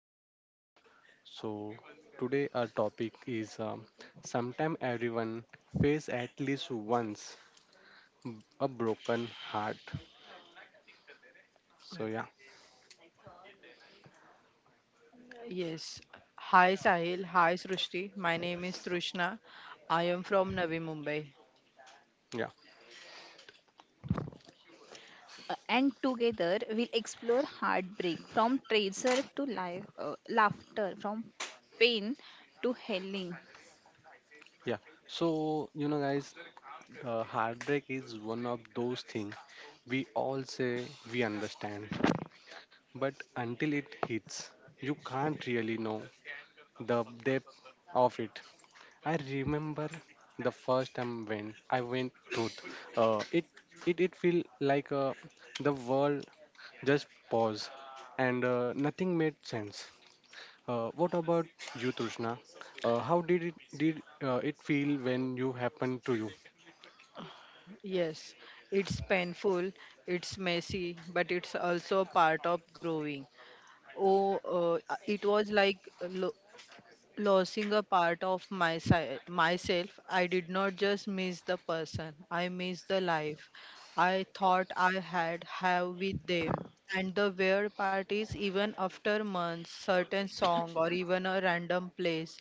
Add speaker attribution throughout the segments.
Speaker 1: podcast. So, today our topic is sometime everyone face at least once b- a broken heart. So, yeah,
Speaker 2: Yes. Hi Sahil. Hi Srushti. My name is Trishna. I am from Navi Mumbai.
Speaker 1: yeah,
Speaker 3: And together we'll explore heartbreak from treasure to life, laughter, from pain to healing.
Speaker 1: yeah. So, you know, guys, heartbreak is one of those things we all say we understand, but until it hits, you can't really know the depth of it. I remember the first time when I went to uh, it it feel like the world just paused and nothing made sense. What about you, Trishna? How did it feel when you happened to you?
Speaker 2: Yes, it's painful, it's messy, but it's also part of growing. Oh, it was like lo- losing a part of myself. I did not just miss the person, I missed the life I thought I had have with them. And the weird part is, even after months, certain song or even a random place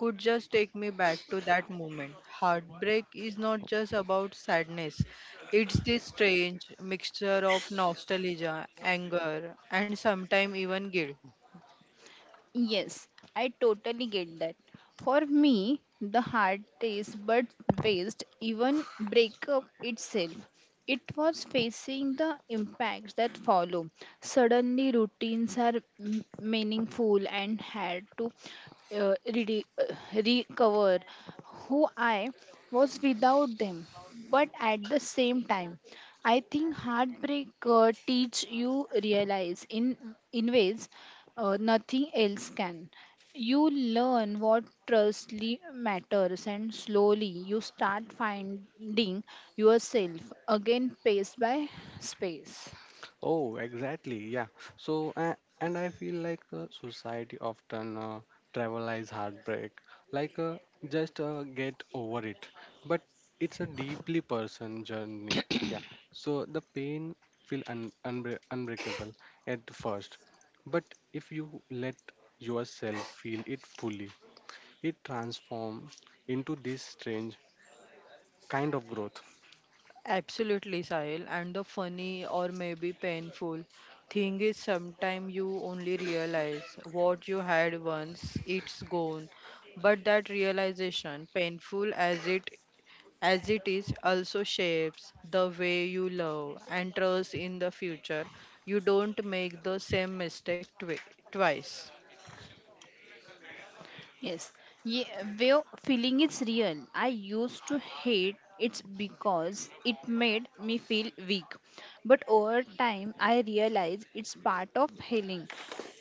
Speaker 2: could just take me back to that moment. Heartbreak is not just about sadness, it's this strange mixture of nostalgia, anger, and sometimes even guilt.
Speaker 3: Yes, I totally get that. For me, the hard taste but waste, even breakup itself. It was facing the impacts that follow. Suddenly, routines are meaningful and had to uh, rede- uh, recover who I was without them. But at the same time, I think heartbreak teach you realize in ways nothing else can. You learn what truly matters, and slowly you start finding yourself again, pace by space.
Speaker 1: Oh, exactly. Yeah. So, and I feel like society often trivialize heartbreak, like just get over it. But it's a deeply person journey. Yeah. So the pain feel unbreakable at the first, but if you let yourself feel it fully, it transforms into this strange kind of growth.
Speaker 2: Absolutely, Sahil. And the funny, or maybe painful, thing is sometimes you only realize what you had once it's gone. But that realization, painful as it is, also shapes the way you love and trust in the future. You don't make the same mistake twice.
Speaker 3: Yes. Yeah, well, feeling is real. I used to hate it because it made me feel weak. But over time, I realized it's part of healing.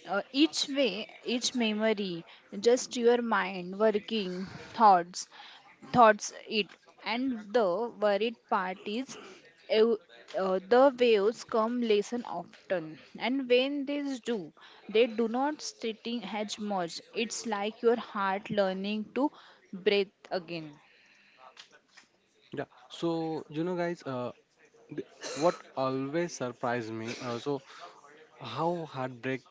Speaker 3: Each way, each memory, just your mind working, thoughts, it. And the worried part is ew- the waves come less and often, and when they do not sitting as much. It's like your heart learning to breathe again.
Speaker 1: Yeah. So you know, guys, th- what always surprised me. So how heartbreak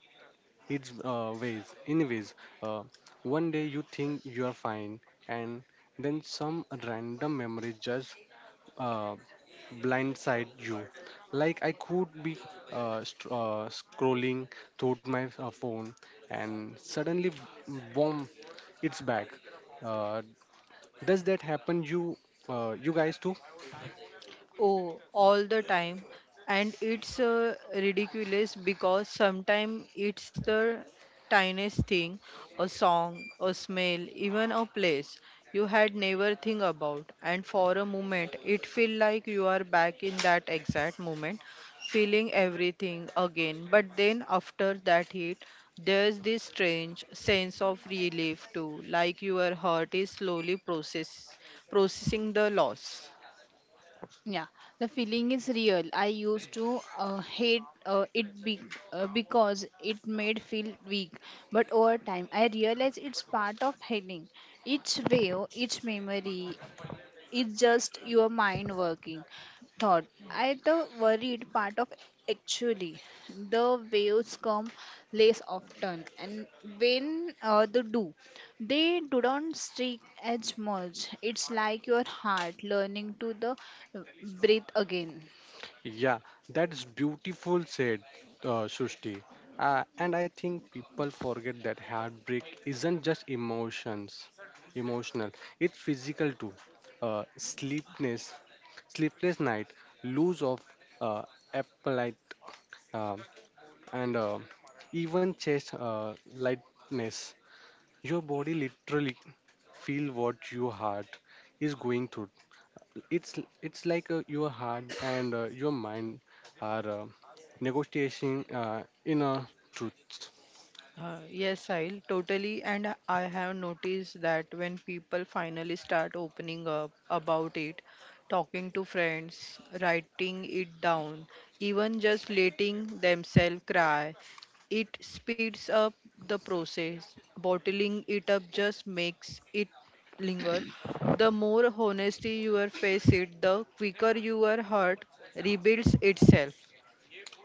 Speaker 1: is ways anyways uh, one day you think you are fine and then some random memory just uh, blindside you. Like I could be scrolling through my phone and suddenly boom, it's back. Uh, does that happen you guys too?
Speaker 2: Oh, all the time. And it's ridiculous, because sometimes it's the tiniest thing, a song, a smell, even a place you had never think about. And for a moment, it feel like you are back in that exact moment, feeling everything again. But then after that hit, there's this strange sense of relief too, like your heart is slowly processing the loss.
Speaker 3: Yeah, the feeling is real. I used to hate it because it made feel weak. But over time I realized it's part of healing. Each wave, each memory, it's just your mind working. Thought. I the worried part of actually the waves come less often, and when they do not streak as much. It's like your heart learning to the breathe again.
Speaker 1: Yeah, that's beautiful said, Srushti. And I think people forget that heartbreak isn't just emotional. It's physical too. Uh, sleepless, Sleepless night, lose of uh, appetite, uh, and even chest lightness. Your body literally feel what your heart is going through. It's it's like your heart and your mind are negotiating inner truths.
Speaker 2: Yes, I'll totally. And I have noticed that when people finally start opening up about it, talking to friends, writing it down, even just letting themselves cry, it speeds up the process. Bottling it up just makes it linger. The more honesty you are face it, the quicker your heart rebuilds itself.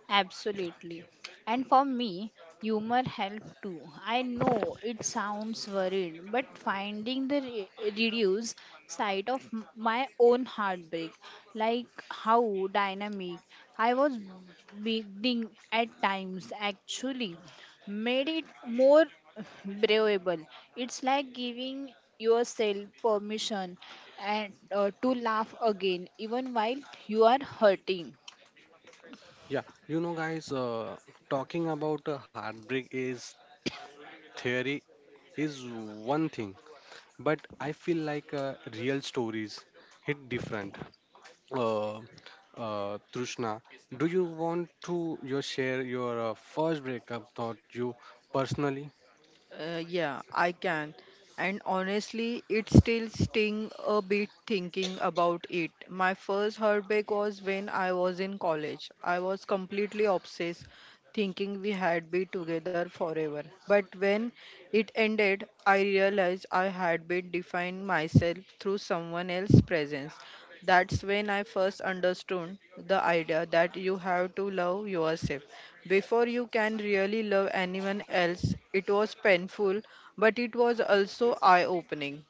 Speaker 3: Absolutely. And for me, humor helped too. I know it sounds worried, but finding the reduced side of my own heartbreak, like how dynamic I was being at times, actually made it more bearable. It's like giving yourself permission and to laugh again, even while you are hurting.
Speaker 1: Yeah, you know, guys, talking about heartbreak is theory is one thing, but I feel like real stories hit different. Uh, Trishna, do you want to your share your first breakup thought you personally?
Speaker 2: Yeah, I can. And honestly, it still sting a bit thinking about it. My first heartbreak was when I was in college. I was completely obsessed, thinking we had been together forever. But when it ended, I realized I had been defining myself through someone else's presence. That's when I first understood the idea that you have to love yourself before you can really love anyone else. It was painful, but it was also eye opening.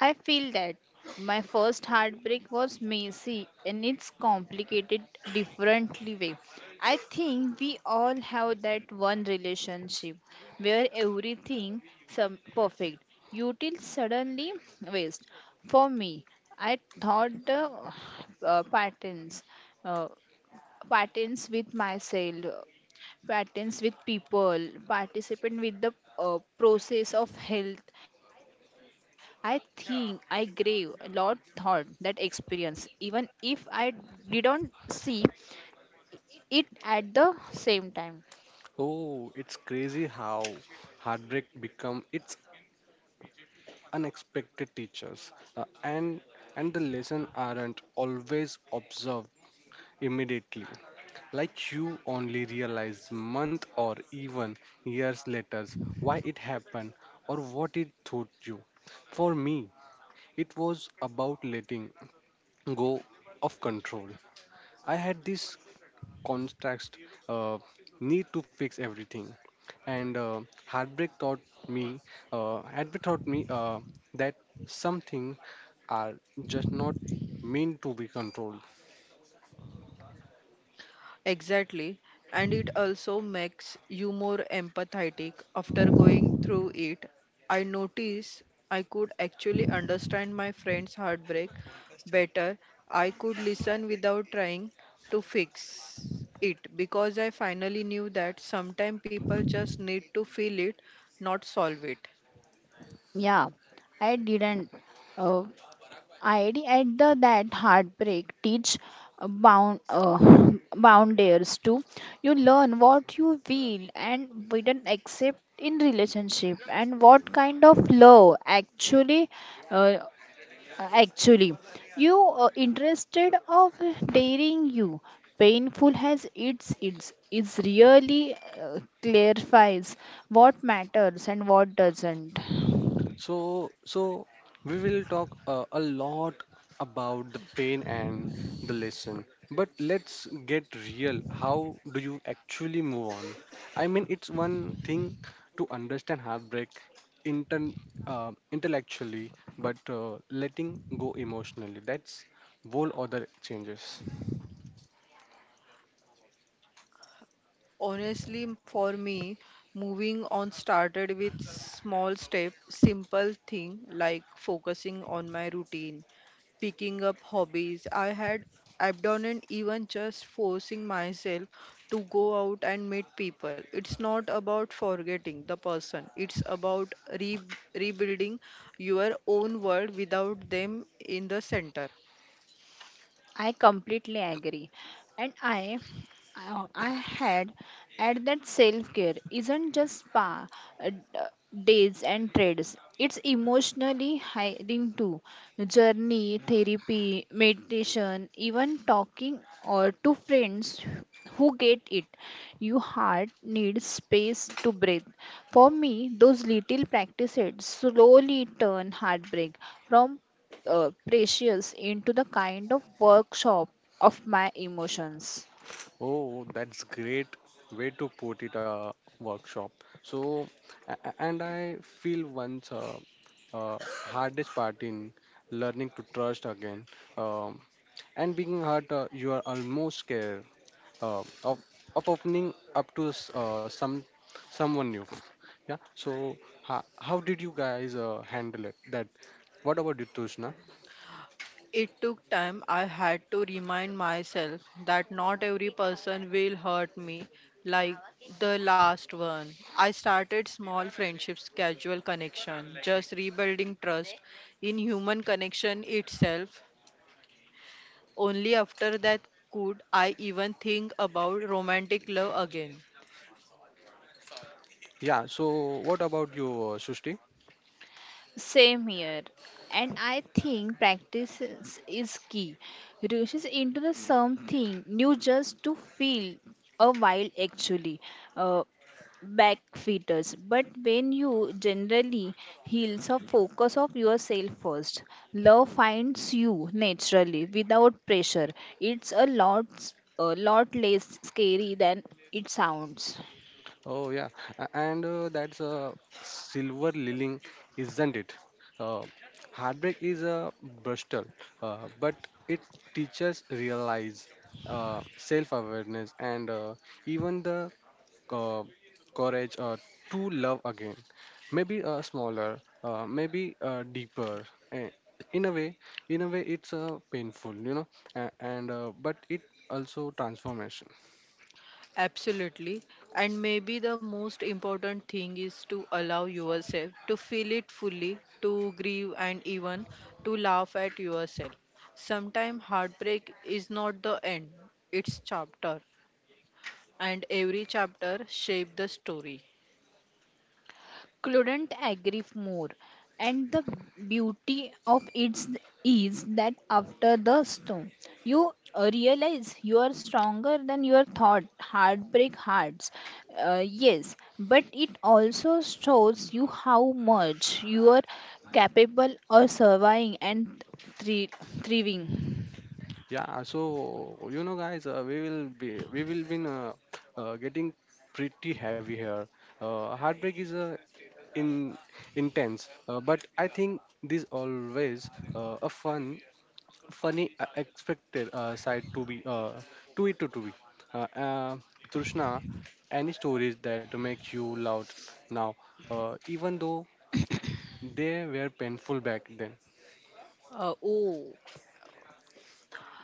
Speaker 3: I feel that my first heartbreak was messy and its complicated, differently way. I think we all have that one relationship where everything some perfect. You till suddenly waste. For me, I thought the uh, patterns, uh, patterns with myself, patterns with people, participate with the process of health. I think I crave a lot thought that experience, even if I didn't see it at the same time.
Speaker 1: Oh, it's crazy how heartbreak become its unexpected teachers, uh, and and the lesson aren't always observed immediately. Like you only realize month or even years later why it happened or what it taught you. For me, it was about letting go of control. I had this contrast uh, need to fix everything, and heartbreak taught me. Heartbreak taught me that something are just not meant to be controlled.
Speaker 2: Exactly. And it also makes you more empathetic after going through it. I noticed I could actually understand my friend's heartbreak better. I could listen without trying to fix it because I finally knew that sometimes people just need to feel it, not solve it.
Speaker 3: Yeah, I didn't. Uh, ID at the that heartbreak teach bound boundaries too. You learn what you will and wouldn't accept in relationship and what kind of love actually uh, actually you interested of daring you painful has its is really clarifies what matters and what doesn't.
Speaker 1: So we will talk a lot about the pain and the lesson. But let's get real. How do you actually move on? I mean, it's one thing to understand heartbreak inter- intellectually, but letting go emotionally, that's whole other changes.
Speaker 2: Honestly, for me, moving on started with small step, simple thing like focusing on my routine, picking up hobbies I had abandoned, even just forcing myself to go out and meet people. It's not about forgetting the person. It's about rebuilding your own world without them in the center.
Speaker 3: I completely agree. And I had at that self care isn't just spa days and trades. It's emotionally hiring too. Journey, therapy, meditation, even talking or to friends who get it. Your heart needs space to breathe. For me, those little practices slowly turn heartbreak from precious into the kind of workshop of my emotions.
Speaker 1: Oh, that's great way to put it, workshop. So, and I feel once uh, hardest part in learning to trust again, um, and being hurt, you are almost scared uh, of of opening up to someone new. Yeah. So how did you guys handle it? That. What about you, Tushna?
Speaker 2: It took time. I had to remind myself that not every person will hurt me like the last one. I started small friendships, casual connection, just rebuilding trust in human connection itself. Only after that could I even think about romantic love again.
Speaker 1: Yeah. So, what about you, Srushti?
Speaker 3: Same here. And I think practice is key. Rushes into the something new just to feel a while actually. Uh, Back feeders, but when you generally heals or focus of yourself first, love finds you naturally without pressure. It's a lot less scary than it sounds.
Speaker 1: Oh yeah, A- and that's a silver lining, isn't it? Uh, Heartbreak is a brutal, but it teaches realize self-awareness and even the uh, courage to love again. Maybe smaller, maybe deeper. eh, In a way, in a way, it's painful, you know, a- and but it also transformational.
Speaker 2: Absolutely. And maybe the most important thing is to allow yourself to feel it fully, to grieve, and even to laugh at yourself. Sometimes heartbreak is not the end, it's chapter, and every chapter shapes the story.
Speaker 3: Couldn't agree more. And the beauty of it is that after the storm you realize you are stronger than your thought. Heartbreak hearts, yes, but it also shows you how much you are capable of surviving and thri- thriving.
Speaker 1: Yeah, so you know, guys, we will be getting pretty heavy here. Heartbreak is in intense, but I think this always funny, expected side to be to it to be. Uh, uh, Trishna, any stories that make you loud now, even though they were painful back then.
Speaker 2: Oh,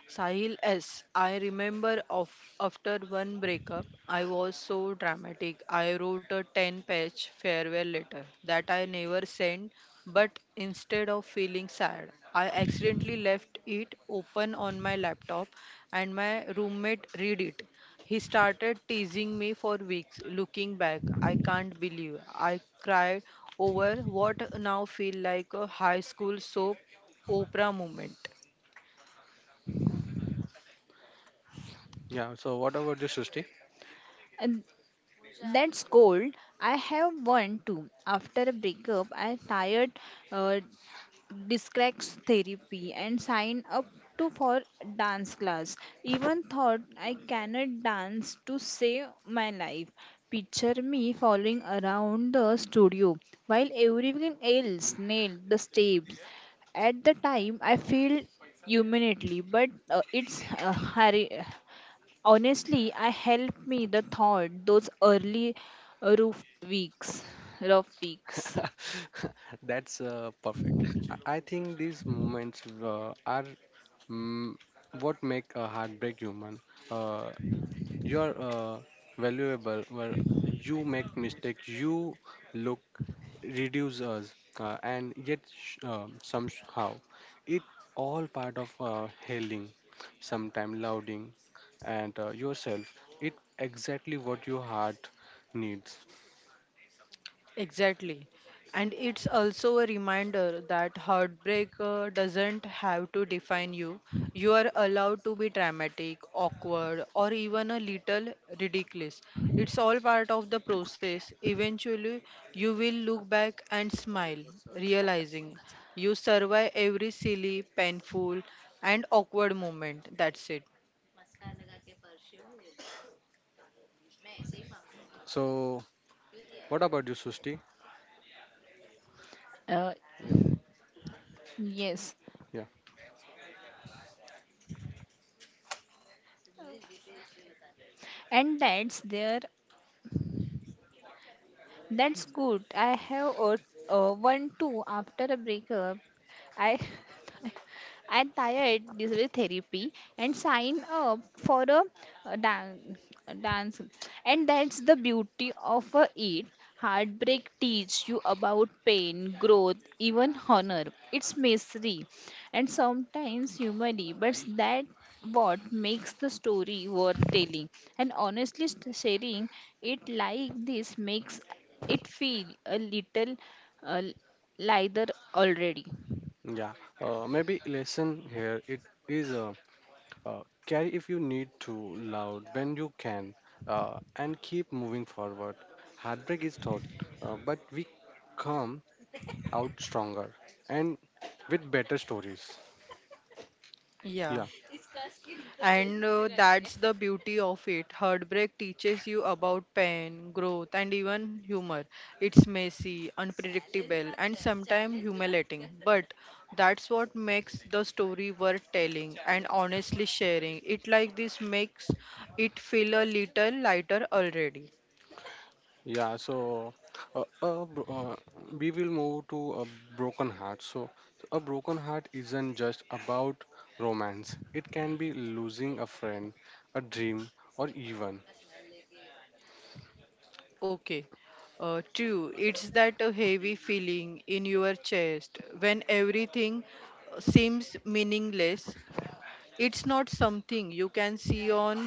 Speaker 2: Sahil S. I remember of after one breakup, I was so dramatic. I wrote a 10-page farewell letter that I never sent, but instead of feeling sad, I accidentally left it open on my laptop and my roommate read it. He started teasing me for weeks. Looking back, I can't believe I cried over what now feel like a high school soap opera moment.
Speaker 1: Yeah. So what about you, Srishti?
Speaker 3: And that's cold. I have one too. After a breakup, I tired. Uh, Discrex therapy and sign up to for dance class, even thought I cannot dance to save my life. Picture me following around the studio while everyone else nailed the steps. At the time I feel humanly, but honestly I helped me the thought those early roof weeks rough weeks.
Speaker 1: That's perfect. I think these moments are mm, what make a heartbreak human. Uh, you're valuable. Where you make mistakes, you look reduce us, and yet somehow it all part of healing. Sometimes louding, and yourself. It exactly what your heart needs.
Speaker 2: Exactly. And it's also a reminder that heartbreak doesn't have to define you. You are allowed to be dramatic, awkward, or even a little ridiculous. It's all part of the process. Eventually, you will look back and smile, realizing you survive every silly, painful, and awkward moment. That's it.
Speaker 1: So, what about you, Susti?
Speaker 3: uh,
Speaker 1: Yeah,
Speaker 3: yes,
Speaker 1: yeah.
Speaker 3: and that's there. That's good. I have a, one too after a breakup. I I'm tired. This is therapy and sign up for a dance. And that's the beauty of a it. Heartbreak teach you about pain, growth, even honor. It's misery and sometimes humor, but that what makes the story worth telling. And honestly, sharing it like this makes it feel a little uh, lighter already.
Speaker 1: Yeah, maybe lesson here it is carry if you need to, loud when you can, and keep moving forward. Heartbreak is thought, but we come out stronger and with better stories.
Speaker 2: Yeah.
Speaker 1: Yeah,
Speaker 2: And that's the beauty of it. Heartbreak teaches you about pain, growth, and even humor. It's messy, unpredictable, and sometimes humiliating. But that's what makes the story worth telling and honestly sharing. It like this makes it feel a little lighter already.
Speaker 1: yeah. So, uh, uh, bro- uh, we will move to a broken heart. So, a broken heart isn't just about romance. It can be losing a friend, a dream, or even.
Speaker 2: Okay. Two, it's that heavy feeling in your chest when everything seems meaningless. It's not something you can see on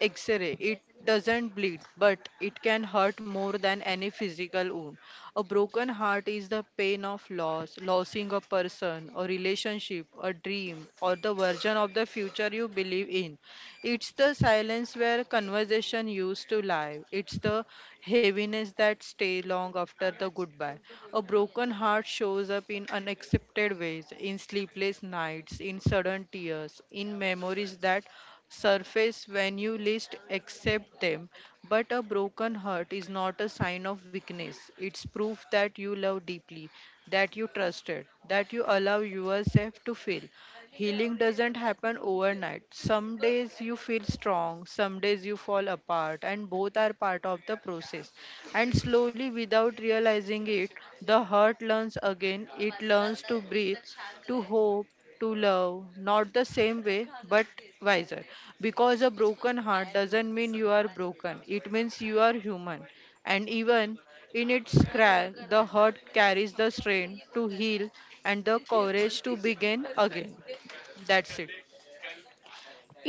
Speaker 2: X-ray. It doesn't bleed, but it can hurt more than any physical wound. A broken heart is the pain of loss, losing a person, a relationship, a dream, or the version of the future you believe in. It's the silence where conversation used to lie. It's the heaviness that stay long after the goodbye. A broken heart shows up in unaccepted ways, in sleepless nights, in sudden tears, in memories that surface when you least accept them. But a broken heart is not a sign of weakness. It's proof that you love deeply, that you trusted, that you allow yourself to feel. Healing doesn't happen overnight. Some days you feel strong, some days you fall apart, and both are part of the process. And slowly, without realizing it, the heart learns again, it learns to breathe, to hope, to love, not the same way, but wiser. Because a broken heart doesn't mean you are broken, it means you are human. And even in its crack, the heart carries the strength to heal and the courage to begin again. That's it.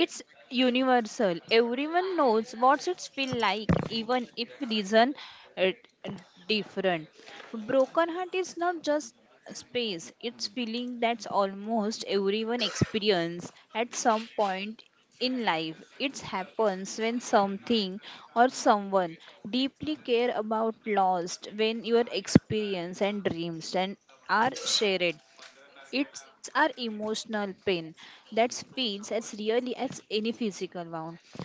Speaker 3: It's universal. Everyone knows what it feels like, even if reason uh, different. Broken heart is not just space. It's feeling that's almost everyone experience at some point in life. It happens when something or someone deeply care about lost, when your experience and dreams and are shared. It's our emotional pain that feels as really as any physical wound.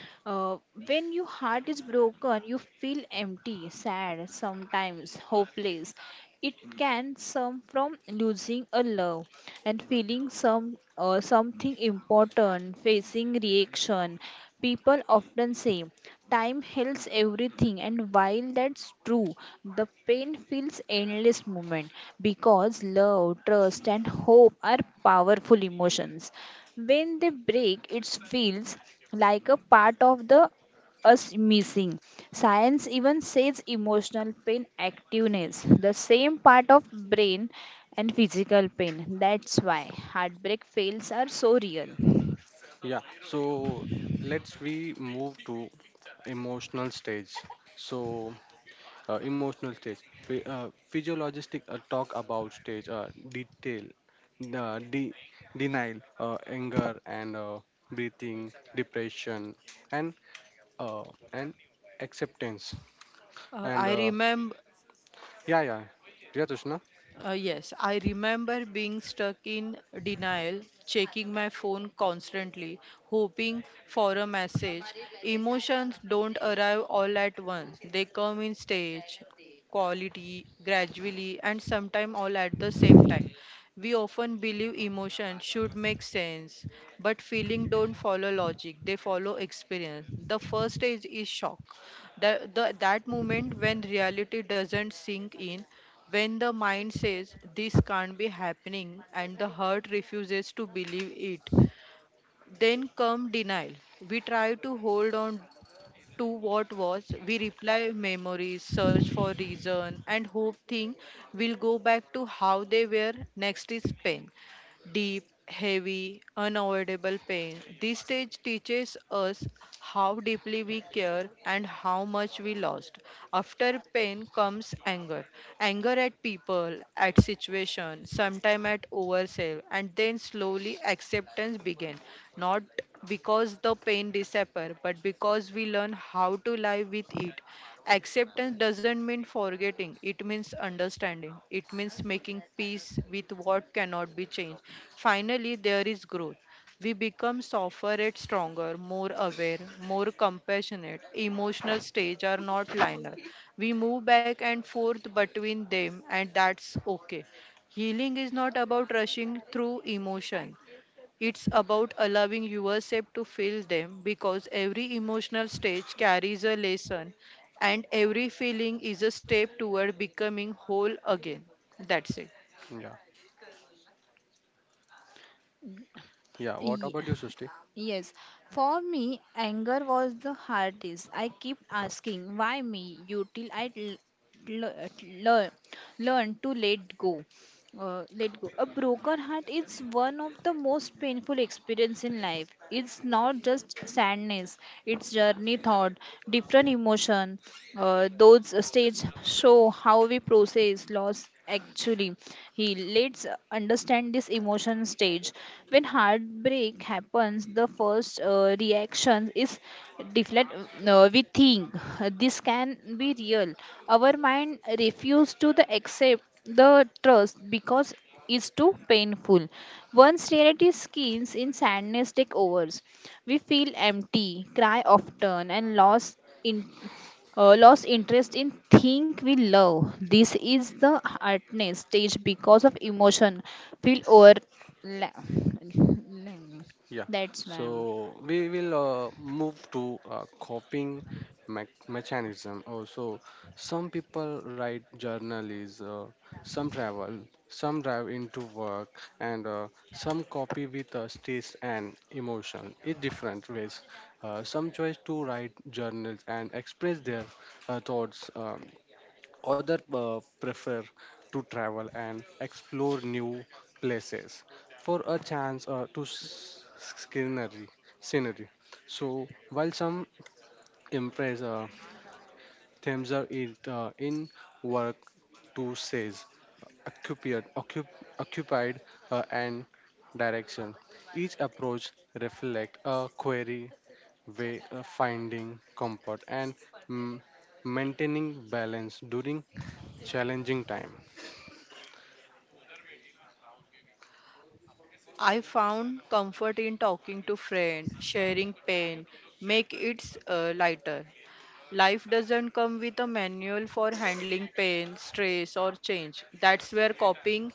Speaker 3: Uh, when your heart is broken, you feel empty, sad, sometimes hopeless. It can come from losing a love and feeling some something important, facing reaction. People often say time heals everything, and while that's true, the pain feels endless moment because love, trust, and hope are powerful emotions. When they break, it feels like a part of the us missing. Science even says emotional pain activates the same part of brain and physical pain. That's why heartbreak fails are so real.
Speaker 1: Yeah, so let's we move to emotional stage. So emotional stage, physiologistic talk about stage, uh, de- denial, anger, and breathing, depression, and uh, and acceptance. And
Speaker 2: I
Speaker 1: uh,
Speaker 2: remember
Speaker 1: yeah, yeah, Tushna.
Speaker 2: Yes, I remember being stuck in denial, checking my phone constantly, hoping for a message. Emotions don't arrive all at once, they come in stage, quality, gradually, and sometimes all at the same time. We often believe emotion should make sense, but feeling don't follow logic, they follow experience. The first stage is shock. That moment when reality doesn't sink in, when the mind says this can't be happening and the heart refuses to believe it, then come denial. We try to hold on to what was, we reply memories, search for reason, and hope things will go back to how they were. Next is pain deep, heavy, unavoidable pain. This stage teaches us how deeply we care and how much we lost. After pain comes anger. Anger at people, at situation, sometime at ourselves, and then slowly acceptance begins. Not because the pain disappears, but because we learn how to live with it. Acceptance doesn't mean forgetting, it means understanding, it means making peace with what cannot be changed. Finally, there is growth. We become softer and stronger, more aware, more compassionate. Emotional stage are not linear. We move back and forth between them, and that's okay. Healing is not about rushing through emotion. It's about allowing yourself to feel them because every emotional stage carries a lesson and every feeling is a step toward becoming whole again. That's it.
Speaker 1: Yeah, yeah. What
Speaker 3: Ye-
Speaker 1: about you, Sushti?
Speaker 3: Yes, for me, anger was the hardest. I keep asking, why me? You till I learn to let go. Let go. A broken heart is one of the most painful experience in life. It's not just sadness; it's journey, thought, different emotion. Those stages show how we process loss actually. He let's understand this emotion stage. When heartbreak happens the first reaction is deflect. We think this can be real. Our mind refuses to the accept the trust because it's too painful. Once reality skins in sadness take overs, we feel empty, cry often, and lost in lost interest in thing we love. This is the hardness stage because of emotion. Feel over. la- la-
Speaker 1: Yeah,
Speaker 3: That's why.
Speaker 1: so we will move to coping mechanism. Also, some people write journals, some travel, some drive into work, and some copy with taste and emotion in different ways. Some choose to write journals and express their thoughts. Other prefer to travel and explore new places for a chance to scenery. scenery. So while some embrace themes are in, in work to says occupied, occup- occupied and direction. Each approach reflect a query way of finding comfort and mm, maintaining balance during challenging time.
Speaker 2: I found comfort in talking to friends, sharing pain, make it lighter. Life doesn't come with a manual for handling pain, stress or change. That's where coping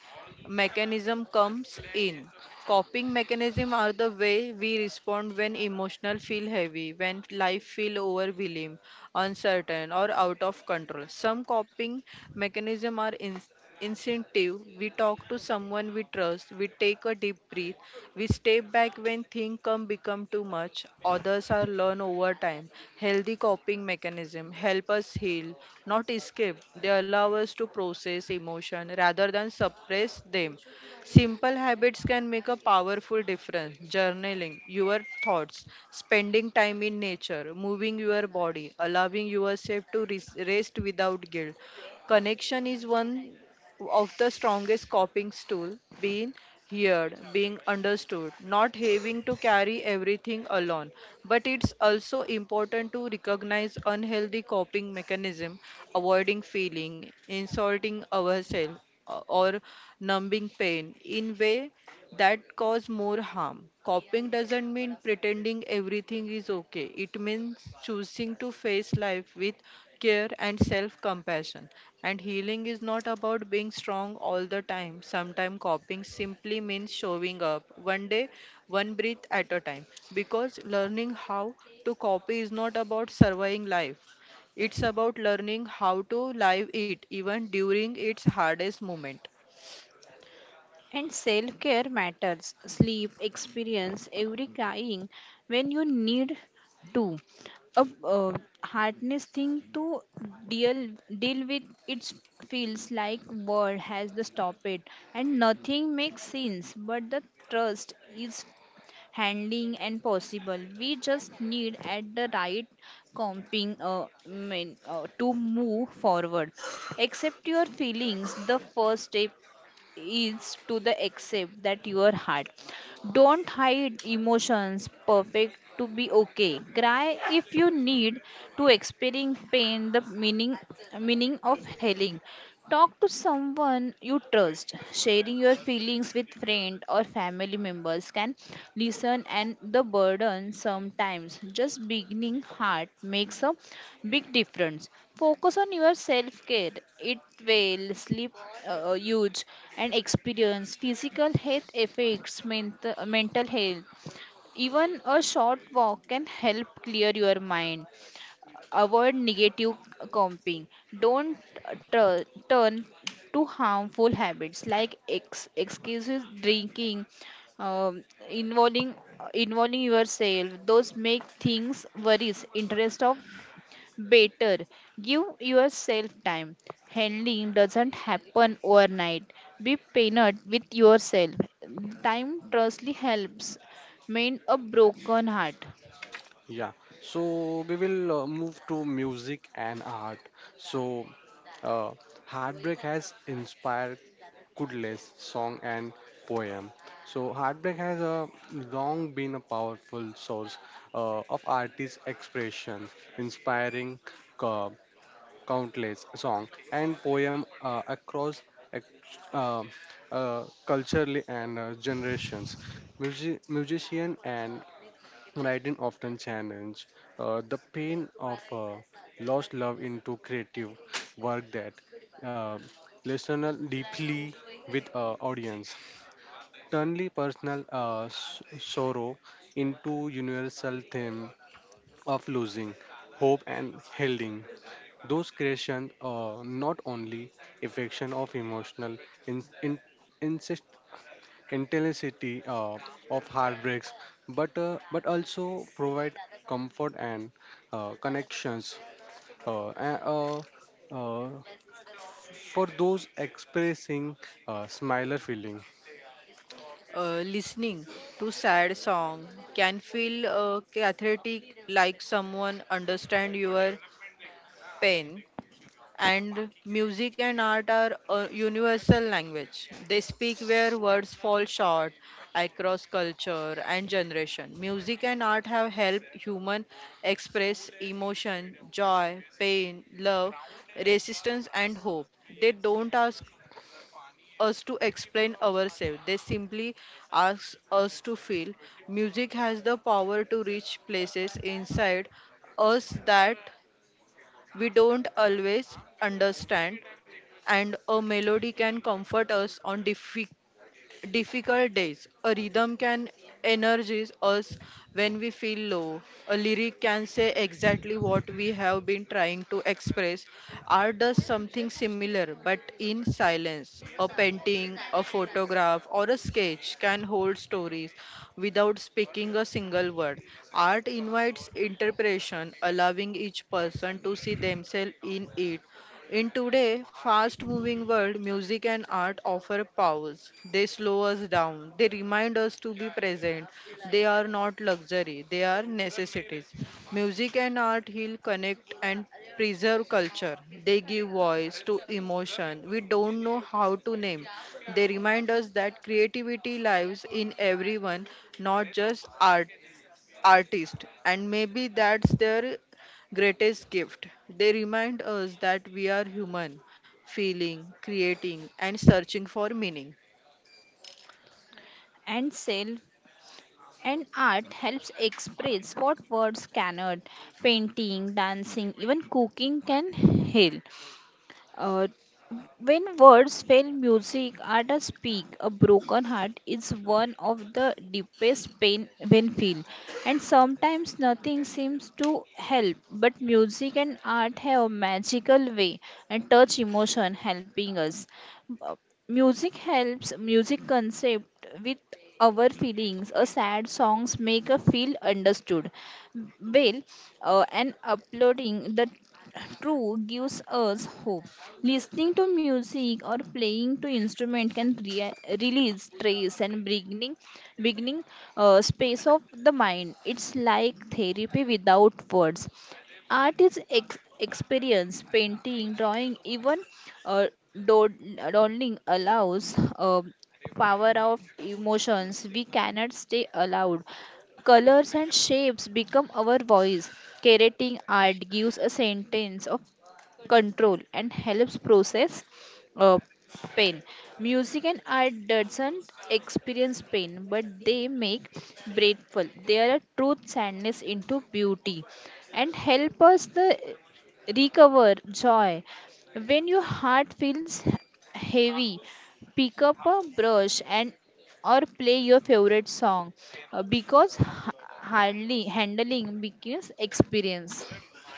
Speaker 2: mechanism comes in. Coping mechanism are the way we respond when emotional feel heavy, when life feel overwhelming, uncertain or out of control. Some coping mechanism are instinctive. We talk to someone we trust, we take a deep breath, we step back when things come become too much. Others are learned over time. Healthy coping mechanism help us heal, not escape. They allow us to process emotion rather than suppress them. Simple habits can make a powerful difference. Journaling your thoughts, spending time in nature, moving your body, allowing yourself to rest without guilt. Connection is one of the strongest coping tool. Being heard, being understood, not having to carry everything alone. But it's also important to recognize unhealthy coping mechanism, avoiding feeling, insulting ourselves, or numbing pain in way that cause more harm. Coping doesn't mean pretending everything is okay, it means choosing to face life with care and self compassion. And healing is not about being strong all the time. Sometimes coping simply means showing up one day, one breath at a time, because learning how to copy is not about surviving life, it's about learning how to live it even during its hardest moment.
Speaker 3: And self care matters. Sleep, experience, every crying when you need to. A hardness thing to deal deal with. It feels like world has to stop it, and nothing makes sense. But the trust is handling and possible. We just need at the right comping to move forward. Accept your feelings. The first step is to the accept that your heart don't hide emotions perfect to be okay. Cry if you need to experience pain, the meaning of healing. Talk to someone you trust, sharing your feelings with friend or family members can listen, and the burden sometimes just beginning heart makes a big difference. Focus on your self care. It will sleep huge and experience physical health effects mental health. Even a short walk can help clear your mind. Avoid negative comping. Don't turn to harmful habits like excuses, drinking, um, involving yourself. Those make things worries. Interest of better. Give yourself time. Handling doesn't happen overnight. Be patient with yourself. Time trustly helps mend a broken heart.
Speaker 1: Yeah, so we will move to music and art. So, uh, heartbreak has inspired Kudle's song and poem. So, heartbreak has long been a powerful source of artist expression, inspiring co- countless song and poem across ex- uh, culturally and generations. Music, musician and writing often challenge the pain of lost love into creative work that uh, resonates deeply with audience. Turning personal sorrow into universal theme of losing hope and healing. Those creations are not only affection of emotional in, in, intensity of heartbreaks, but also provide comfort and connections uh, a- uh, uh, for those expressing smiler feeling.
Speaker 2: Listening to sad song can feel cathartic, like someone understand your pain. And music and art are a universal language. They speak where words fall short, across culture and generation. Music and art have helped human express emotion, joy, pain, love, resistance and hope. They don't ask us to explain ourselves. They simply ask us to feel. Music has the power to reach places inside us that we don't always understand, and a melody can comfort us on difficult days. A rhythm can energize us when we feel low. A lyric can say exactly what we have been trying to express. Art does something similar, but in silence. A painting, a photograph, or a sketch can hold stories without speaking a single word. Art invites interpretation, allowing each person to see themselves in it. In today's fast moving world, music and art offer pause. They slow us down. They remind us to be present. They are not luxury, they are necessities. Music and art heal, connect, and preserve culture. They give voice to emotion we don't know how to name. They remind us that creativity lives in everyone, not just artist, and maybe that's their greatest gift. They remind us that we are human, feeling, creating, and searching for meaning.
Speaker 3: and self And art helps express what words cannot. Painting, dancing, even cooking can heal. Uh, when words fail music, artists speak. A broken heart is one of the deepest pain when feel. And sometimes nothing seems to help, but music and art have a magical way and touch emotion helping us. Uh, Music helps music concept with our feelings. A sad songs make us feel understood. Well, and uploading the true gives us hope. Listening to music or playing to instrument can release stress and beginning space of the mind. It's like therapy without words. Art is experience, painting, drawing, even uh, dod- dawdling allows power of emotions. We cannot stay allowed. Colors and shapes become our voice. Curating art gives a sentence of control and helps process uh, pain. Music and art doesn't experience pain, but they make grateful. They are a truth sadness into beauty and help us the recover joy when your heart feels heavy. Pick up a brush and or play your favorite song, because hardly handling begins experience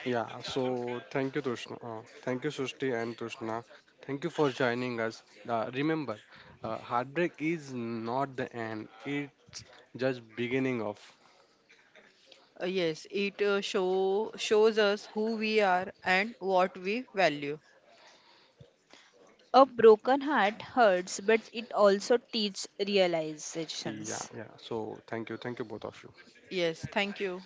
Speaker 1: Yeah. So thank you, Tushna. Thank you, Sushti and Tushna. Thank you for joining us. Remember, heartbreak is not the end; it just beginning of.
Speaker 2: Yes, it shows us who we are and what we value.
Speaker 3: a broken heart hurts, but it also teaches
Speaker 1: Yeah.
Speaker 3: realizations.
Speaker 1: Yeah. So thank you, both of you.
Speaker 2: Yes, thank you.